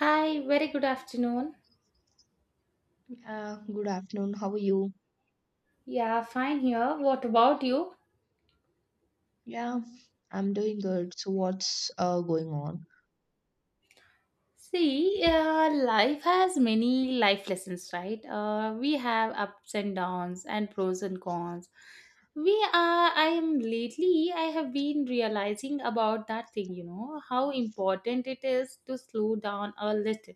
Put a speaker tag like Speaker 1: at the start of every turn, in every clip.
Speaker 1: Hi, very good afternoon.
Speaker 2: Good afternoon. How are you?
Speaker 1: Yeah, fine here. What about you?
Speaker 2: Yeah, I'm doing good. So, what's going on?
Speaker 1: See, life has many life lessons, right? We have ups and downs and pros and cons. We are, I am lately, I have been realizing about that thing, you know, how important it is to slow down a little.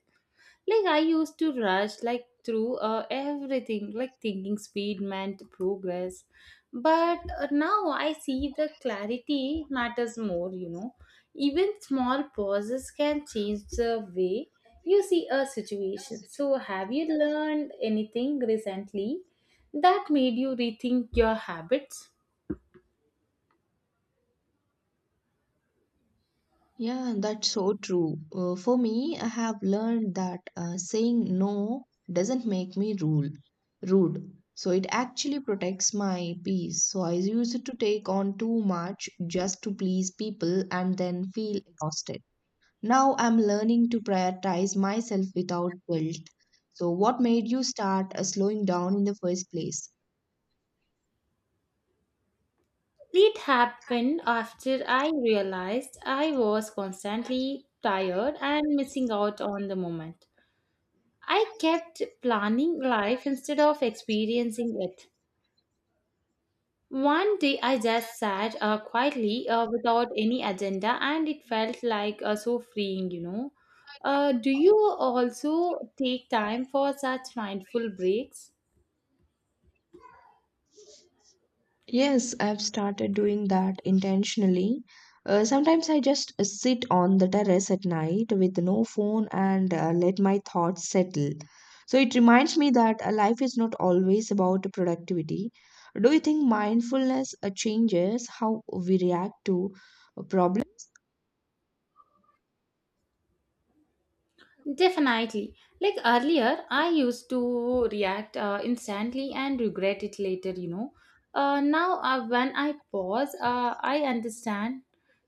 Speaker 1: Like, I used to rush like through everything, like thinking speed meant progress. But now I see the clarity matters more. Even small pauses can change the way you see a situation. So have you learned anything recently that made you rethink your habits?
Speaker 2: Yeah, that's so true. For me, I have learned that saying no doesn't make me rule rude. So it actually protects my peace. So I used to take on too much just to please people and then feel exhausted. Now I'm learning to prioritize myself without guilt. So, what made you start slowing down in the first place?
Speaker 1: It happened after I realized I was constantly tired and missing out on the moment. I kept planning life instead of experiencing it. One day I just sat quietly without any agenda, and it felt like so freeing. Do you also take time for such mindful breaks?
Speaker 2: Yes, I've started doing that intentionally. Sometimes I just sit on the terrace at night with no phone and let my thoughts settle. So it reminds me that life is not always about productivity. Do you think mindfulness changes how we react to problems?
Speaker 1: Definitely. Like earlier, I used to react instantly and regret it later. Now, when I pause, I understand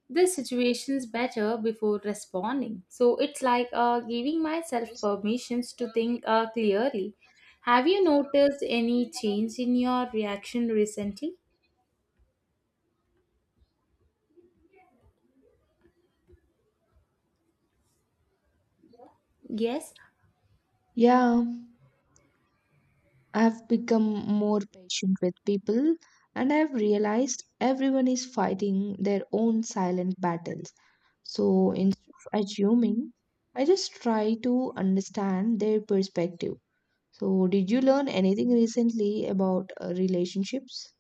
Speaker 1: the situation's better before responding. So it's like giving myself permissions to think clearly. Have you noticed any change in your reaction recently? Yes,
Speaker 2: Yeah, I've become more patient with people and I've realized everyone is fighting their own silent battles. So instead of assuming, I just try to understand their perspective. So, did you learn anything recently about relationships?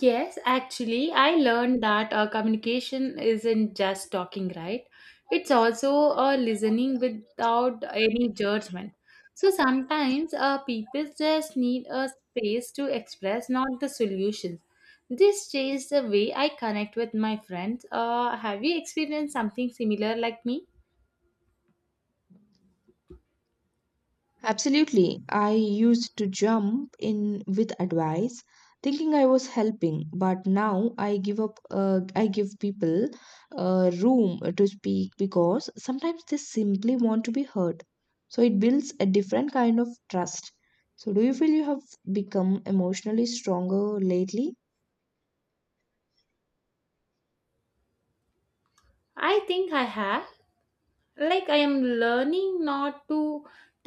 Speaker 1: Yes, actually, I learned that communication isn't just talking, right? It's also listening without any judgment. So sometimes people just need a space to express, not the solutions. This changed the way I connect with my friends. Have you experienced something similar like me?
Speaker 2: Absolutely. I used to jump in with advice, thinking I was helping, but now I give people room to speak because sometimes they simply want to be heard. So it builds a different kind of trust. So do you feel you have become emotionally stronger lately?
Speaker 1: I think I have. Like, I am learning not to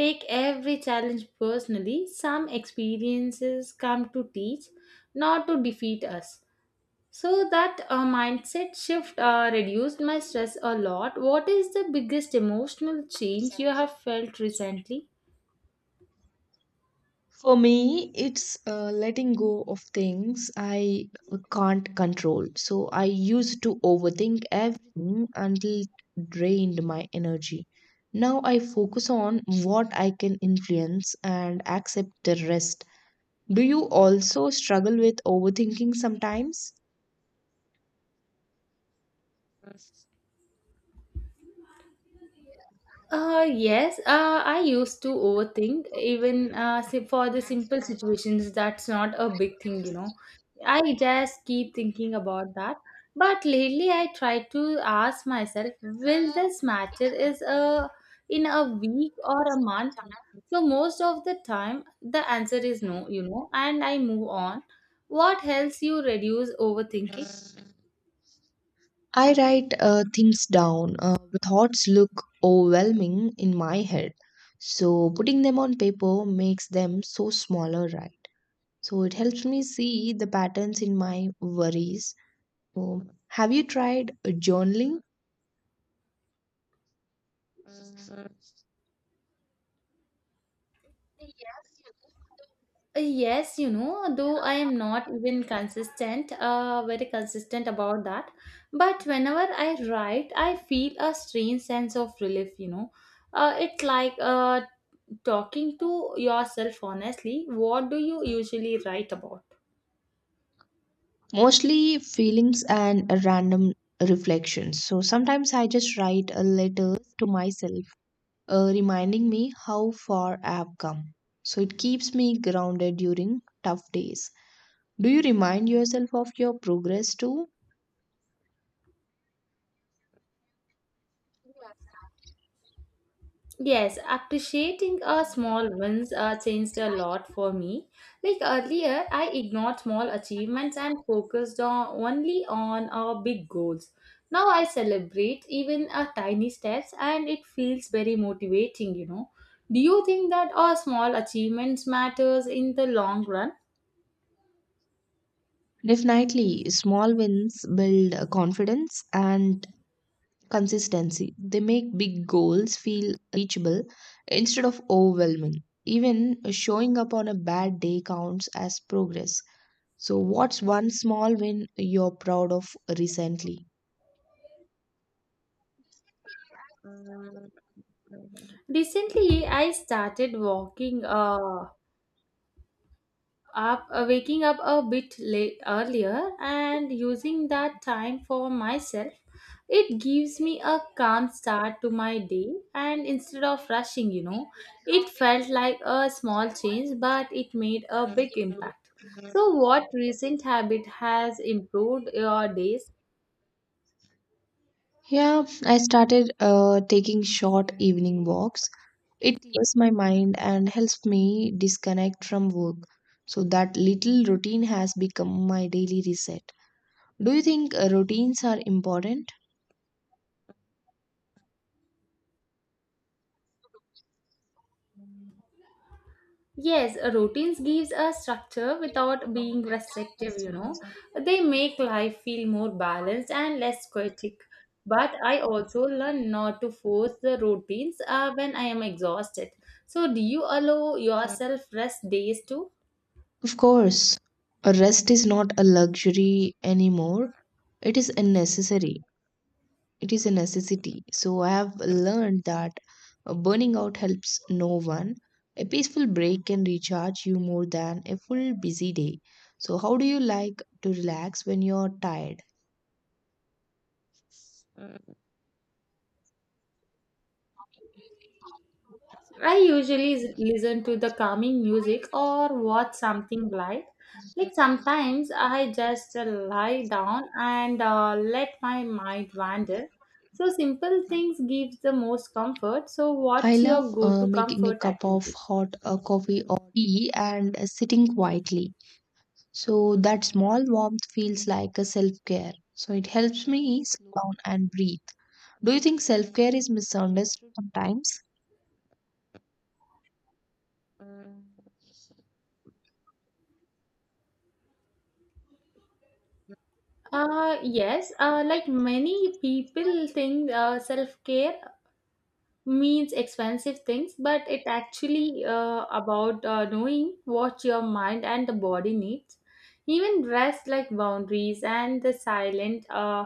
Speaker 1: take every challenge personally. Some experiences come to teach, not to defeat us. So that mindset shift reduced my stress a lot. What is the biggest emotional change you have felt recently?
Speaker 2: For me, it's letting go of things I can't control. So I used to overthink everything until it drained my energy. Now I focus on what I can influence and accept the rest. Do you also struggle with overthinking sometimes?
Speaker 1: Yes, I used to overthink even for the simple situations. That's not a big thing. I just keep thinking about that. But lately, I try to ask myself, will this matter is a in a week or a month? So most of the time, the answer is no, and I move on. What helps you reduce overthinking?
Speaker 2: I write things down. The thoughts look overwhelming in my head. So putting them on paper makes them so smaller, right? So it helps me see the patterns in my worries. So, have you tried journaling?
Speaker 1: Yes, though I am not even consistent, very consistent about that. But whenever I write, I feel a strange sense of relief. It's like talking to yourself honestly. What do you usually write about?
Speaker 2: Mostly feelings and random reflections. So sometimes I just write a letter to myself, reminding me how far I've come. So it keeps me grounded during tough days. Do you remind yourself of your progress too?
Speaker 1: Yes, appreciating small wins changed a lot for me. Like earlier, I ignored small achievements and focused on only on big goals. Now I celebrate even tiny steps, and it feels very motivating. Do you think that small achievements matters in the long run?
Speaker 2: Definitely, small wins build confidence and consistency. They make big goals feel reachable instead of overwhelming. Even showing up on a bad day counts as progress. So, what's one small win you're proud of recently?
Speaker 1: Recently, I started walking. Up Waking up a bit late earlier and using that time for myself, it gives me a calm start to my day, and instead of rushing, it felt like a small change, but it made a big impact. So what recent habit has improved your days?
Speaker 2: Yeah, I started taking short evening walks. It clears my mind and helps me disconnect from work. So that little routine has become my daily reset. Do you think routines are important?
Speaker 1: Yes, routines gives a structure without being restrictive. They make life feel more balanced and less chaotic. But I also learn not to force the routines when I am exhausted. So do you allow yourself rest days too?
Speaker 2: Of course, a rest is not a luxury anymore. It is a necessary. It is a necessity. So I have learned that burning out helps no one. A peaceful break can recharge you more than a full busy day. So how do you like to relax when you're tired?
Speaker 1: I usually listen to the calming music or watch something light. Like sometimes I just lie down and let my mind wander. So simple things gives the most comfort. So
Speaker 2: I
Speaker 1: what's
Speaker 2: love
Speaker 1: your go-to
Speaker 2: making a
Speaker 1: comfort
Speaker 2: cup of
Speaker 1: activity?
Speaker 2: hot coffee or tea and sitting quietly. So that small warmth feels like a self care. So it helps me slow down and breathe. Do you think self care is misunderstood sometimes?
Speaker 1: Yes, like many people think self-care means expensive things, but it actually about knowing what your mind and the body needs. Even rest, like boundaries and the silent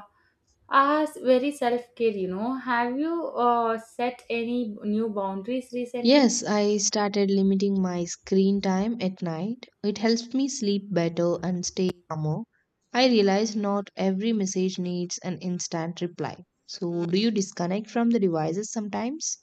Speaker 1: are very self-care. Have you set any new boundaries recently?
Speaker 2: Yes, I started limiting my screen time at night. It helps me sleep better and stay calmer. I realize not every message needs an instant reply. So, do you disconnect from the devices sometimes?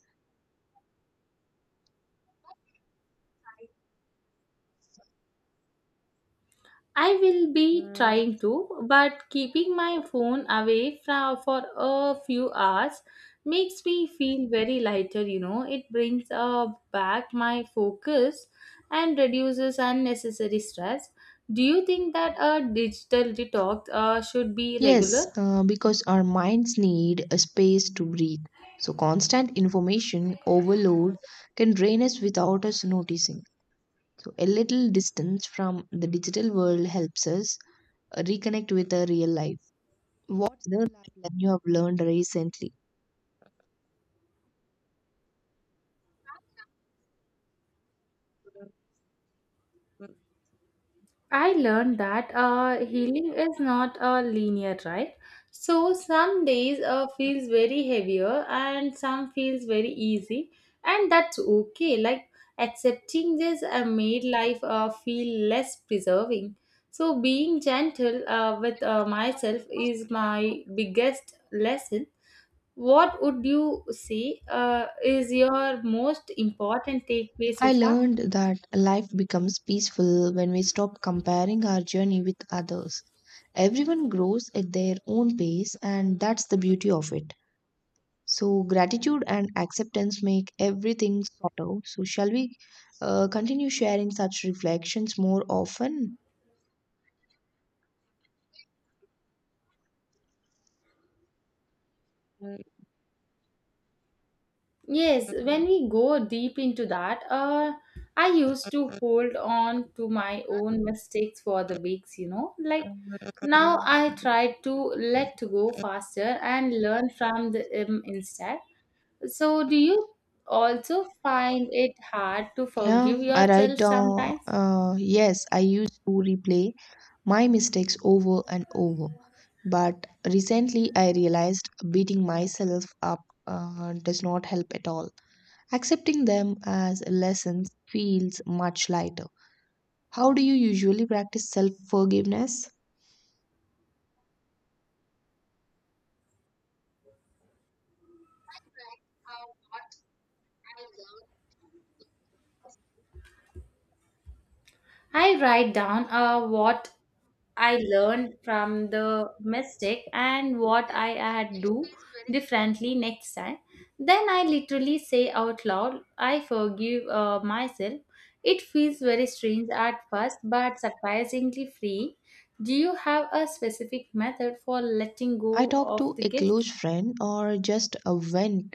Speaker 1: I will be trying to, but keeping my phone away from for a few hours makes me feel very lighter. It brings back my focus and reduces unnecessary stress. Do you think that a digital detox should be
Speaker 2: Yes,
Speaker 1: regular?
Speaker 2: because our minds need a space to breathe. So, constant information overload can drain us without us noticing. So, a little distance from the digital world helps us reconnect with our real life. What's the life lesson you have learned recently?
Speaker 1: I learned that healing is not a linear, right? So some days feels very heavier and some feels very easy, and that's okay. Like accepting this made life feel less preserving. So being gentle with myself is my biggest lesson. What would you say is your most important takeaway so
Speaker 2: I
Speaker 1: far?
Speaker 2: learned that life becomes peaceful when we stop comparing our journey with others. Everyone grows at their own pace, and that's the beauty of it. So, gratitude and acceptance make everything softer. So, shall we continue sharing such reflections more often?
Speaker 1: Yes, when we go deep into that, I used to hold on to my own mistakes for the weeks. Like now I try to let go faster and learn from them instead. So, do you also find it hard to
Speaker 2: Yeah,
Speaker 1: forgive yourself sometimes?
Speaker 2: yes, I used to replay my mistakes over and over. But recently, I realized beating myself up does not help at all. Accepting them as lessons feels much lighter. How do you usually practice self forgiveness?
Speaker 1: I write down what I learned from the mistake and what I had do differently next time. Then I literally say out loud, I forgive myself. It feels very strange at first, but surprisingly free. Do you have a specific method for letting
Speaker 2: I
Speaker 1: go
Speaker 2: talked
Speaker 1: of
Speaker 2: to
Speaker 1: the
Speaker 2: a
Speaker 1: guilt?
Speaker 2: close friend or just a vent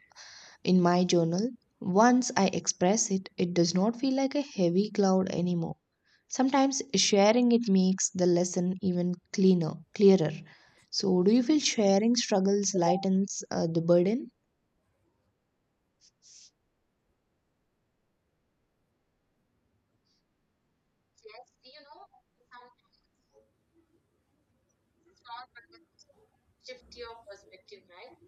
Speaker 2: in my journal. Once I express it, it does not feel like a heavy cloud anymore. Sometimes sharing it makes the lesson even clearer. So, do you feel sharing struggles lightens the burden?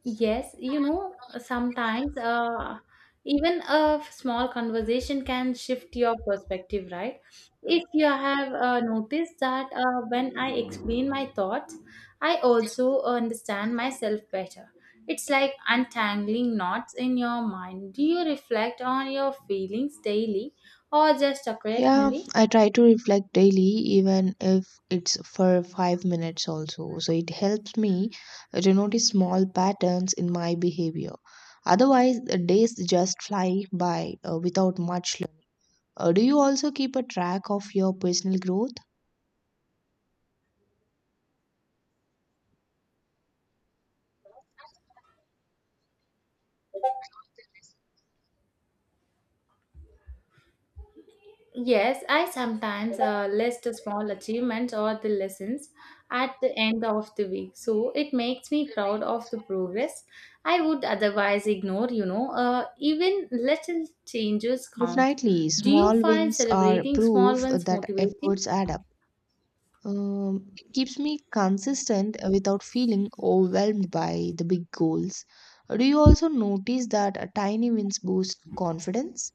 Speaker 1: Yes, sometimes even a small conversation can shift your perspective, right? If you have noticed that when I explain my thoughts, I also understand myself better. It's like untangling knots in your mind. Do you reflect on your feelings daily or just
Speaker 2: Yeah,
Speaker 1: occasionally?
Speaker 2: I try to reflect daily, even if it's for 5 minutes also. So it helps me to notice small patterns in my behavior. Otherwise, the days just fly by without much learning. Do you also keep a track of your personal growth?
Speaker 1: Yes, I sometimes list the small achievements or the lessons at the end of the week. So it makes me proud of the progress I would otherwise ignore. Even little changes count.
Speaker 2: Definitely,
Speaker 1: Do you
Speaker 2: small
Speaker 1: find
Speaker 2: wins are
Speaker 1: celebrating small
Speaker 2: proof
Speaker 1: ones
Speaker 2: that
Speaker 1: motivating?
Speaker 2: efforts add up. It keeps me consistent without feeling overwhelmed by the big goals. Do you also notice that tiny wins boost confidence?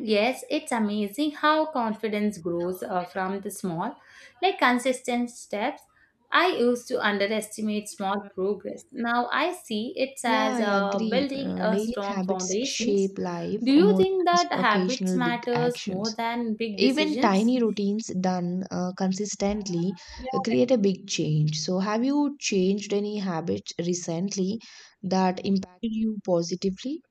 Speaker 1: Yes, it's amazing how confidence grows from the small, like consistent steps. I used to underestimate small progress. Now I see it
Speaker 2: Yeah,
Speaker 1: as
Speaker 2: I agree.
Speaker 1: building a
Speaker 2: Daily
Speaker 1: strong
Speaker 2: habits
Speaker 1: foundations.
Speaker 2: shape life
Speaker 1: Do you
Speaker 2: more than
Speaker 1: think that habits
Speaker 2: occasional big
Speaker 1: matters more
Speaker 2: actions.
Speaker 1: than big
Speaker 2: Even
Speaker 1: decisions?
Speaker 2: tiny routines done consistently create a big change. So, have you changed any habits recently that impacted you positively?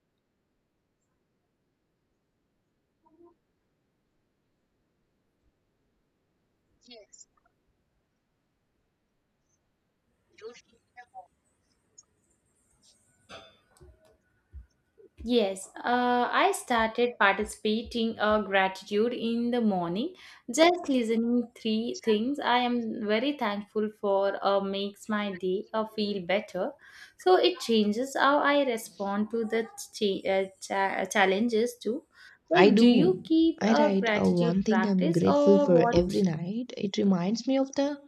Speaker 1: Yes, I started participating gratitude in the morning. Just listening three things I am very thankful for makes my day feel better. So it changes how I respond to the challenges too.
Speaker 2: I
Speaker 1: Like, do you
Speaker 2: do.
Speaker 1: keep
Speaker 2: I
Speaker 1: a
Speaker 2: write a
Speaker 1: gratitude
Speaker 2: one thing I'm
Speaker 1: practice
Speaker 2: grateful
Speaker 1: or
Speaker 2: for every
Speaker 1: what?
Speaker 2: night. It reminds me of the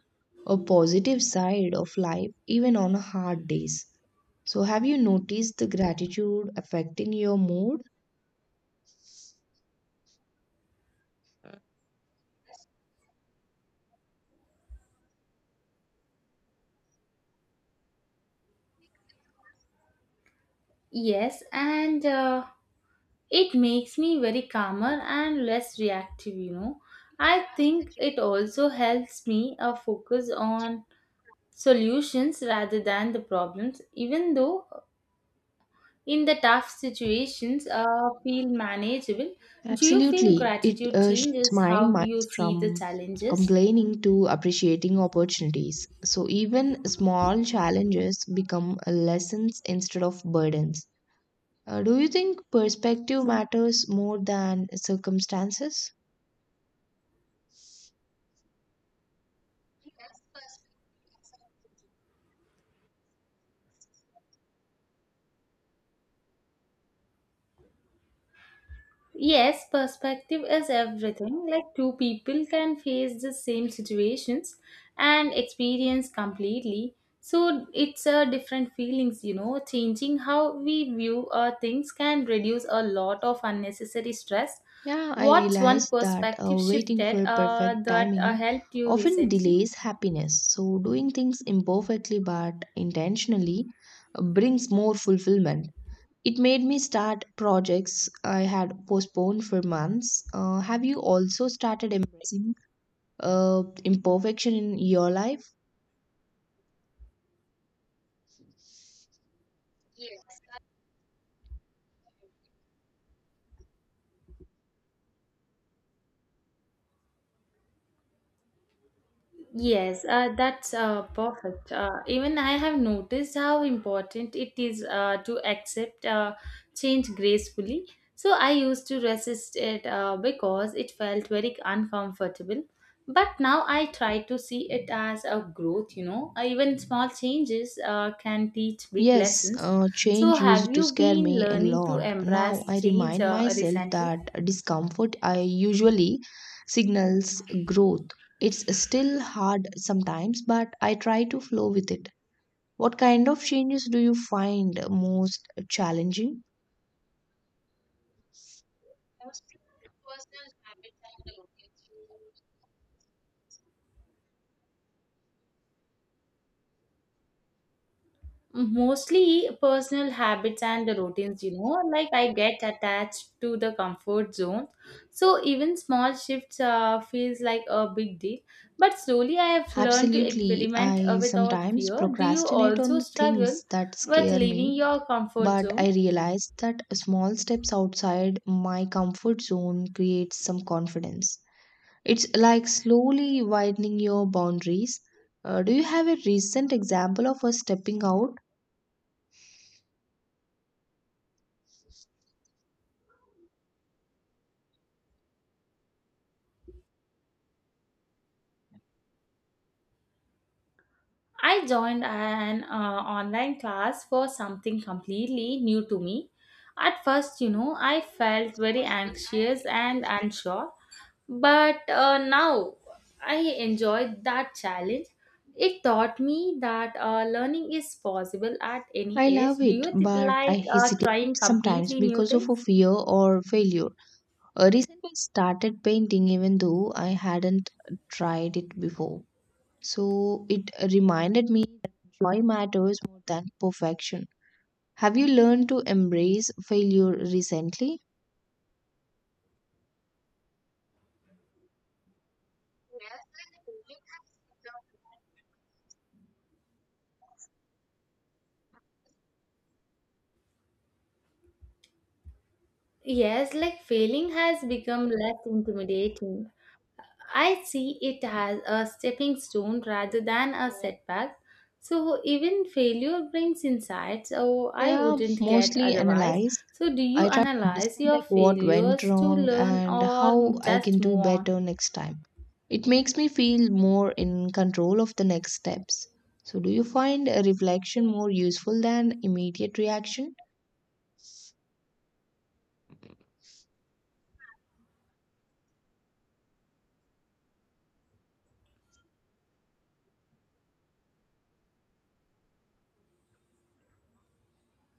Speaker 2: a positive side of life, even on hard days. So, have you noticed the gratitude affecting your mood?
Speaker 1: Yes, and it makes me very calmer and less reactive. I think it also helps me focus on solutions rather than the problems, even though in the tough situations feel manageable. Do you feel
Speaker 2: Absolutely. It
Speaker 1: gratitude
Speaker 2: shifts
Speaker 1: changes
Speaker 2: my
Speaker 1: how
Speaker 2: mind
Speaker 1: you see the
Speaker 2: from
Speaker 1: challenges?
Speaker 2: complaining to appreciating opportunities. So, even small challenges become lessons instead of burdens. Do you think perspective matters more than circumstances?
Speaker 1: Yes, perspective is everything. Like two people can face the same situations and experience completely. So it's a different feelings. Changing how we view things can reduce a lot of unnecessary stress.
Speaker 2: Yeah, I
Speaker 1: What's one
Speaker 2: realized that
Speaker 1: perspective
Speaker 2: waiting
Speaker 1: shifted
Speaker 2: for perfect
Speaker 1: that
Speaker 2: timing
Speaker 1: helped you
Speaker 2: often
Speaker 1: recently?
Speaker 2: delays happiness. So, doing things imperfectly but intentionally brings more fulfillment. It made me start projects I had postponed for months. Have you also started embracing imperfection in your life?
Speaker 1: Yes, that's perfect. Even I have noticed how important it is to accept change gracefully. So I used to resist it because it felt very uncomfortable. But now I try to see it as a growth. Even small changes can teach big
Speaker 2: Yes,
Speaker 1: lessons. So,
Speaker 2: change used
Speaker 1: have
Speaker 2: to
Speaker 1: you
Speaker 2: scare
Speaker 1: been
Speaker 2: me a
Speaker 1: learning to
Speaker 2: lot. Now
Speaker 1: embrace
Speaker 2: I
Speaker 1: change
Speaker 2: remind myself
Speaker 1: recently?
Speaker 2: that discomfort I usually signals growth. It's still hard sometimes, but I try to flow with it. What kind of changes do you find most challenging?
Speaker 1: Mostly personal habits and routines, like I get attached to the comfort zone. So even small shifts feels like a big deal, but slowly I have learned to
Speaker 2: Absolutely.
Speaker 1: experiment
Speaker 2: I
Speaker 1: without
Speaker 2: sometimes
Speaker 1: fear. Do you
Speaker 2: procrastinate on
Speaker 1: also
Speaker 2: the
Speaker 1: struggle
Speaker 2: things that
Speaker 1: with
Speaker 2: scare
Speaker 1: leaving
Speaker 2: me,
Speaker 1: your comfort
Speaker 2: but
Speaker 1: zone?
Speaker 2: I realized that small steps outside my comfort zone creates some confidence. It's like slowly widening your boundaries. Do you have a recent example of us stepping out?
Speaker 1: I joined an online class for something completely new to me. At first, I felt very anxious and unsure, but now I enjoyed that challenge. It taught me that learning is possible at any
Speaker 2: I
Speaker 1: age.
Speaker 2: love
Speaker 1: Do
Speaker 2: it,
Speaker 1: you
Speaker 2: but I
Speaker 1: like
Speaker 2: hesitate
Speaker 1: trying
Speaker 2: sometimes
Speaker 1: completely new
Speaker 2: because of a
Speaker 1: things?
Speaker 2: fear or failure. Recently, I started painting even though I hadn't tried it before. So it reminded me that joy matters more than perfection. Have you learned to embrace failure recently?
Speaker 1: Yes, like failing has become less intimidating. I see it as a stepping stone rather than a setback. So even failure brings insights oh, I
Speaker 2: Yeah,
Speaker 1: wouldn't get
Speaker 2: mostly
Speaker 1: otherwise.
Speaker 2: analyzed.
Speaker 1: So do you
Speaker 2: I try to
Speaker 1: analyze
Speaker 2: understand
Speaker 1: your
Speaker 2: like what went
Speaker 1: failures to
Speaker 2: wrong
Speaker 1: learn
Speaker 2: and
Speaker 1: or
Speaker 2: how I can
Speaker 1: just
Speaker 2: do
Speaker 1: move on?
Speaker 2: better next time. It makes me feel more in control of the next steps. So, do you find a reflection more useful than immediate reaction?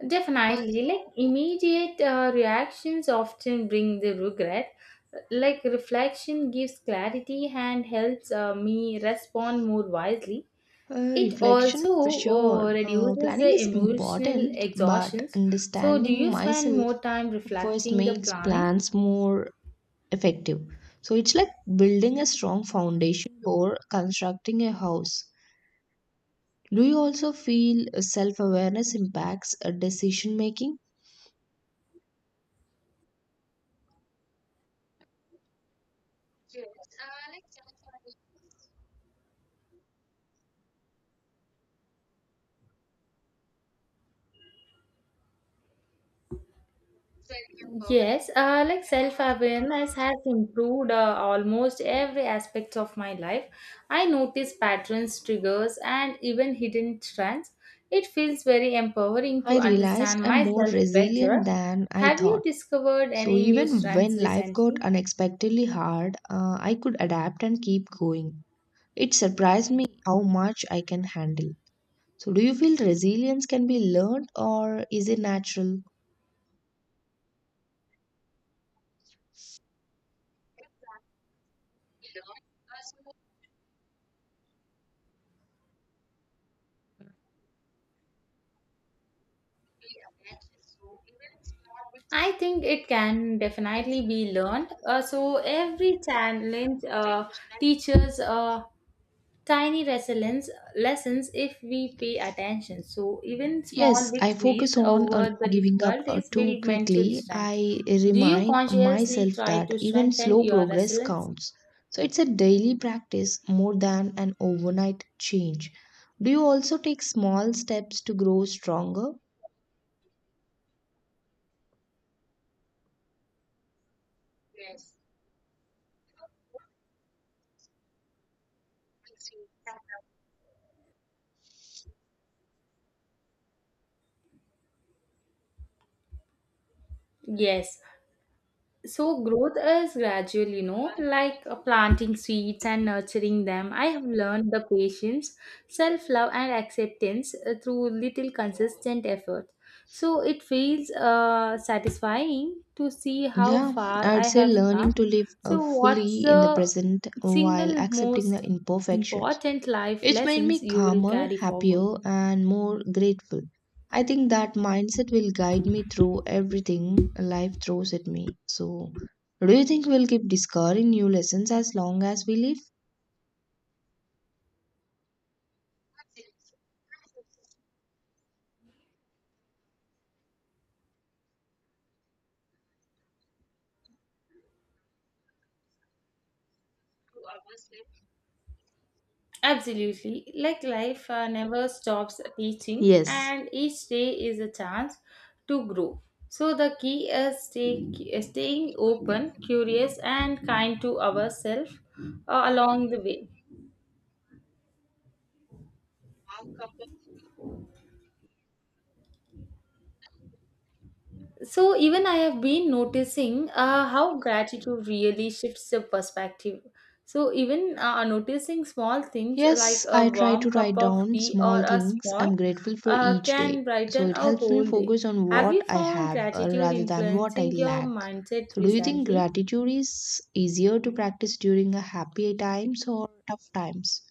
Speaker 1: Definitely, like immediate reactions often bring the regret. Like reflection gives clarity and helps me respond more wisely. It
Speaker 2: Reflection,
Speaker 1: also
Speaker 2: for sure.
Speaker 1: reduces
Speaker 2: Planning
Speaker 1: the
Speaker 2: is
Speaker 1: emotional
Speaker 2: important, but
Speaker 1: exhaustions. So, do
Speaker 2: understanding
Speaker 1: you spend
Speaker 2: myself
Speaker 1: more time
Speaker 2: first
Speaker 1: reflecting the
Speaker 2: makes
Speaker 1: planning?
Speaker 2: plans more effective. So it's like building a strong foundation or constructing a house. Do you also feel self awareness impacts decision making?
Speaker 1: Yes, like self awareness has improved almost every aspect of my life. I notice patterns, triggers, and even hidden trends. It feels very empowering
Speaker 2: I
Speaker 1: to
Speaker 2: realized
Speaker 1: understand
Speaker 2: I'm more
Speaker 1: myself
Speaker 2: resilient
Speaker 1: better.
Speaker 2: than I
Speaker 1: Have you
Speaker 2: thought.
Speaker 1: discovered
Speaker 2: So
Speaker 1: any new
Speaker 2: even
Speaker 1: trends
Speaker 2: when life got
Speaker 1: recently?
Speaker 2: unexpectedly hard, I could adapt and keep going. It surprised me how much I can handle. So do you feel resilience can be learned or is it natural?
Speaker 1: I think it can definitely be learned. So every challenge teaches tiny resilience lessons if we pay attention. So even small
Speaker 2: Yes, I
Speaker 1: victories
Speaker 2: focus on
Speaker 1: over the
Speaker 2: not giving up
Speaker 1: difficulties
Speaker 2: too
Speaker 1: build mental
Speaker 2: quickly.
Speaker 1: strength.
Speaker 2: I
Speaker 1: Do you
Speaker 2: remind
Speaker 1: consciously
Speaker 2: myself
Speaker 1: try
Speaker 2: that
Speaker 1: to
Speaker 2: even
Speaker 1: strengthen
Speaker 2: slow
Speaker 1: your
Speaker 2: progress
Speaker 1: resilience?
Speaker 2: counts. So it's a daily practice more than an overnight change. Do you also take small steps to grow stronger?
Speaker 1: Yes, so growth is gradual, like planting seeds and nurturing them. I have learned the patience, self-love and acceptance through little consistent effort. So it feels satisfying to see how
Speaker 2: Yeah,
Speaker 1: far
Speaker 2: I'd
Speaker 1: I
Speaker 2: say
Speaker 1: have
Speaker 2: learning
Speaker 1: come.
Speaker 2: to live
Speaker 1: So what's
Speaker 2: fully in the
Speaker 1: the
Speaker 2: present while
Speaker 1: single
Speaker 2: accepting
Speaker 1: most
Speaker 2: the imperfections.
Speaker 1: important life
Speaker 2: It made
Speaker 1: lessons
Speaker 2: me
Speaker 1: you will
Speaker 2: calmer,
Speaker 1: carry forward?
Speaker 2: happier, and more grateful. I think that mindset will guide me through everything life throws at me. So, do you think we'll keep discovering new lessons as long as we live?
Speaker 1: Absolutely. Like life never stops teaching,
Speaker 2: Yes.
Speaker 1: and each day is a chance to grow. So the key is staying open, curious, and kind to ourselves along the way. So even I have been noticing how gratitude really shifts the perspective. So even noticing small things like
Speaker 2: Yes, I
Speaker 1: a
Speaker 2: try
Speaker 1: warm
Speaker 2: to
Speaker 1: cup
Speaker 2: write
Speaker 1: of
Speaker 2: down
Speaker 1: tea or
Speaker 2: small
Speaker 1: a
Speaker 2: things
Speaker 1: small
Speaker 2: I'm grateful for each day.
Speaker 1: can
Speaker 2: So
Speaker 1: brighten
Speaker 2: it
Speaker 1: a
Speaker 2: helps me
Speaker 1: whole day.
Speaker 2: focus on
Speaker 1: Have
Speaker 2: what
Speaker 1: you
Speaker 2: I
Speaker 1: found
Speaker 2: have
Speaker 1: gratitude
Speaker 2: rather than what I
Speaker 1: influencing your
Speaker 2: lack.
Speaker 1: mindset
Speaker 2: So do you think
Speaker 1: recently?
Speaker 2: gratitude is easier to practice during a happy times or tough times?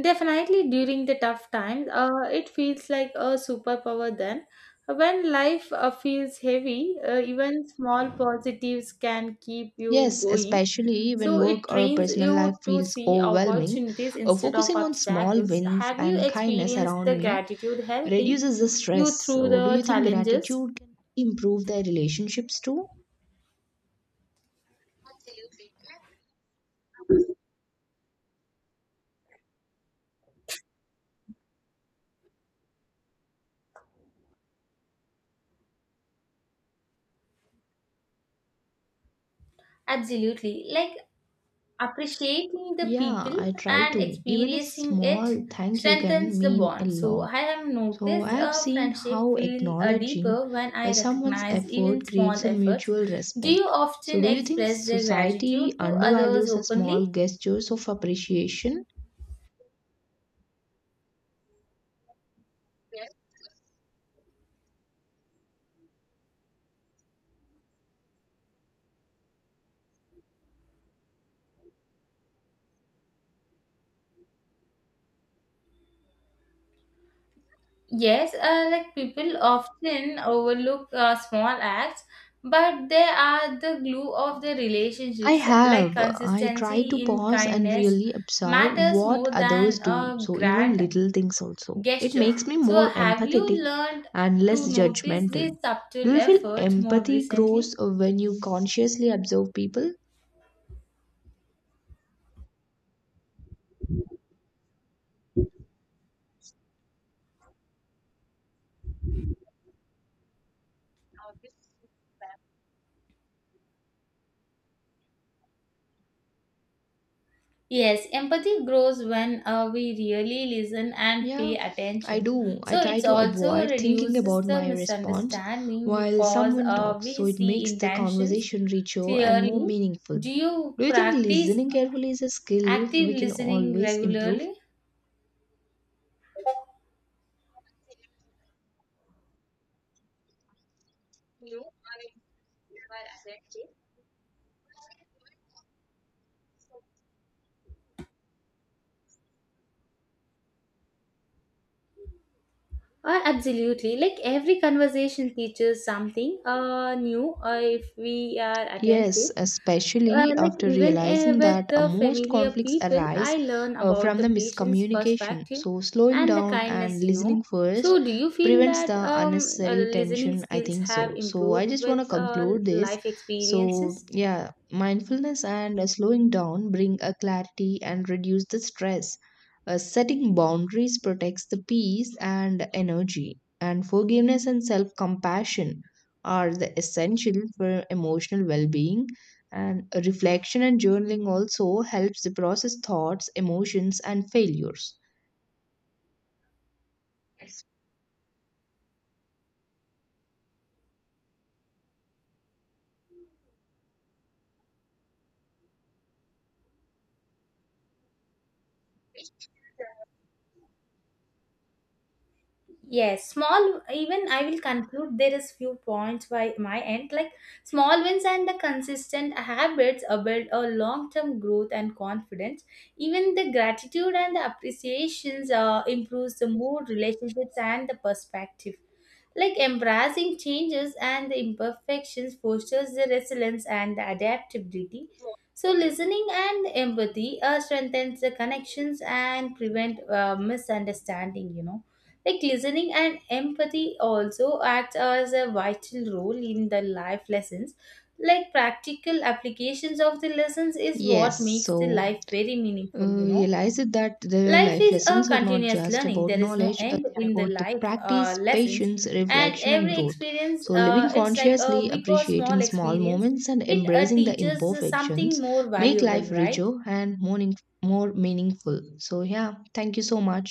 Speaker 1: Definitely during the tough times, it feels like a superpower then. When life feels heavy, even small positives can keep you
Speaker 2: Yes,
Speaker 1: going.
Speaker 2: especially when
Speaker 1: So
Speaker 2: work
Speaker 1: it
Speaker 2: or
Speaker 1: trains
Speaker 2: personal life
Speaker 1: you to
Speaker 2: feels
Speaker 1: see
Speaker 2: overwhelming,
Speaker 1: opportunities instead of
Speaker 2: focusing on small
Speaker 1: obstacles.
Speaker 2: wins
Speaker 1: Have you
Speaker 2: and kindness
Speaker 1: experienced
Speaker 2: around
Speaker 1: the
Speaker 2: me
Speaker 1: gratitude helping
Speaker 2: reduces the stress.
Speaker 1: you through
Speaker 2: So, do
Speaker 1: the
Speaker 2: you think
Speaker 1: challenges?
Speaker 2: gratitude can improve their relationships too?
Speaker 1: Absolutely. Like appreciating the
Speaker 2: Yeah,
Speaker 1: people
Speaker 2: I try
Speaker 1: and
Speaker 2: to. Even a
Speaker 1: experiencing it
Speaker 2: small thank you can
Speaker 1: strengthens the
Speaker 2: mean a
Speaker 1: bond. So I
Speaker 2: lot.
Speaker 1: have
Speaker 2: So I
Speaker 1: noticed
Speaker 2: have
Speaker 1: a
Speaker 2: seen
Speaker 1: friendship
Speaker 2: how
Speaker 1: feel
Speaker 2: acknowledging
Speaker 1: deeper when I
Speaker 2: someone's
Speaker 1: recognize even
Speaker 2: effort creates
Speaker 1: small
Speaker 2: a
Speaker 1: efforts.
Speaker 2: mutual
Speaker 1: Do you
Speaker 2: respect. So
Speaker 1: often
Speaker 2: do you think
Speaker 1: express their
Speaker 2: society
Speaker 1: gratitude to others
Speaker 2: undervalues the small
Speaker 1: openly?
Speaker 2: gestures of appreciation?
Speaker 1: Yes, like people often overlook small acts, but they are the glue of the
Speaker 2: I
Speaker 1: relationships, like
Speaker 2: have. I try to
Speaker 1: consistency in
Speaker 2: pause and
Speaker 1: kindness
Speaker 2: really observe
Speaker 1: matters
Speaker 2: what
Speaker 1: more
Speaker 2: others
Speaker 1: than
Speaker 2: do,
Speaker 1: a
Speaker 2: so even
Speaker 1: grand
Speaker 2: little things also. It
Speaker 1: gestures.
Speaker 2: makes me
Speaker 1: So,
Speaker 2: more
Speaker 1: have you
Speaker 2: empathetic
Speaker 1: learned
Speaker 2: and
Speaker 1: to
Speaker 2: less
Speaker 1: notice
Speaker 2: judgmental.
Speaker 1: these
Speaker 2: Do
Speaker 1: subtle
Speaker 2: you feel
Speaker 1: efforts more
Speaker 2: empathy
Speaker 1: recently?
Speaker 2: grows when you consciously observe people?
Speaker 1: Yes, empathy grows when we really listen and pay
Speaker 2: Yeah, I
Speaker 1: attention.
Speaker 2: do. I
Speaker 1: So,
Speaker 2: try
Speaker 1: it
Speaker 2: to
Speaker 1: also
Speaker 2: avoid thinking
Speaker 1: reduces
Speaker 2: about
Speaker 1: the
Speaker 2: my response
Speaker 1: misunderstanding
Speaker 2: while
Speaker 1: because
Speaker 2: someone talks,
Speaker 1: we
Speaker 2: so it
Speaker 1: see
Speaker 2: makes the
Speaker 1: intentions
Speaker 2: conversation richer and more
Speaker 1: clearly.
Speaker 2: meaningful.
Speaker 1: Do you
Speaker 2: Do you think
Speaker 1: practice
Speaker 2: listening carefully is a skill
Speaker 1: active
Speaker 2: we can
Speaker 1: listening
Speaker 2: always improve?
Speaker 1: regularly? Absolutely. Like every conversation teaches something new if we are attentive.
Speaker 2: Yes, especially
Speaker 1: Like
Speaker 2: after
Speaker 1: even
Speaker 2: realizing
Speaker 1: with
Speaker 2: that
Speaker 1: the
Speaker 2: most
Speaker 1: familiar
Speaker 2: conflicts
Speaker 1: people,
Speaker 2: arise
Speaker 1: I learn about
Speaker 2: from
Speaker 1: the
Speaker 2: the
Speaker 1: patient's
Speaker 2: miscommunication.
Speaker 1: perspective
Speaker 2: So, slowing
Speaker 1: and the
Speaker 2: down and
Speaker 1: kindness, you
Speaker 2: listening
Speaker 1: know.
Speaker 2: first
Speaker 1: So, do you feel
Speaker 2: prevents
Speaker 1: that
Speaker 2: the unnecessary
Speaker 1: listening
Speaker 2: tension. I
Speaker 1: skills
Speaker 2: think
Speaker 1: have
Speaker 2: so. So, I
Speaker 1: improved
Speaker 2: just
Speaker 1: with
Speaker 2: want to conclude this.
Speaker 1: life
Speaker 2: So,
Speaker 1: experiences?
Speaker 2: yeah, mindfulness and slowing down bring a clarity and reduce the stress. Setting boundaries protects the peace and energy, and forgiveness and self compassion are the essential for emotional well-being and reflection and journaling also helps to process thoughts emotions and failures.
Speaker 1: Yes, small even I will conclude there is few points by my end, like small wins and the consistent habits build a long-term growth and confidence. Even the gratitude and the appreciations improves the mood, relationships and the perspective. Like embracing changes and the imperfections fosters the resilience and the adaptability. So listening and empathy strengthens the connections and prevent misunderstanding, like listening and empathy also act as a vital role in the life lessons. Like practical applications of the lessons is
Speaker 2: Yes,
Speaker 1: what makes the
Speaker 2: so
Speaker 1: life very meaningful, you know.
Speaker 2: realize it that the
Speaker 1: Life
Speaker 2: life
Speaker 1: is a
Speaker 2: lessons are not
Speaker 1: continuous
Speaker 2: just
Speaker 1: learning.
Speaker 2: about
Speaker 1: There is no
Speaker 2: knowledge,
Speaker 1: end
Speaker 2: they are
Speaker 1: in the
Speaker 2: about the
Speaker 1: life
Speaker 2: practice
Speaker 1: lessons,
Speaker 2: patience
Speaker 1: and
Speaker 2: reflection and
Speaker 1: every
Speaker 2: growth.
Speaker 1: experience,
Speaker 2: So living
Speaker 1: it's like a
Speaker 2: consciously
Speaker 1: big or small
Speaker 2: appreciating small
Speaker 1: experience,
Speaker 2: moments and
Speaker 1: it
Speaker 2: embracing the
Speaker 1: teaches something
Speaker 2: imperfections
Speaker 1: more
Speaker 2: make
Speaker 1: valuable,
Speaker 2: life
Speaker 1: right?
Speaker 2: richer and more meaningful. So yeah, thank you so much.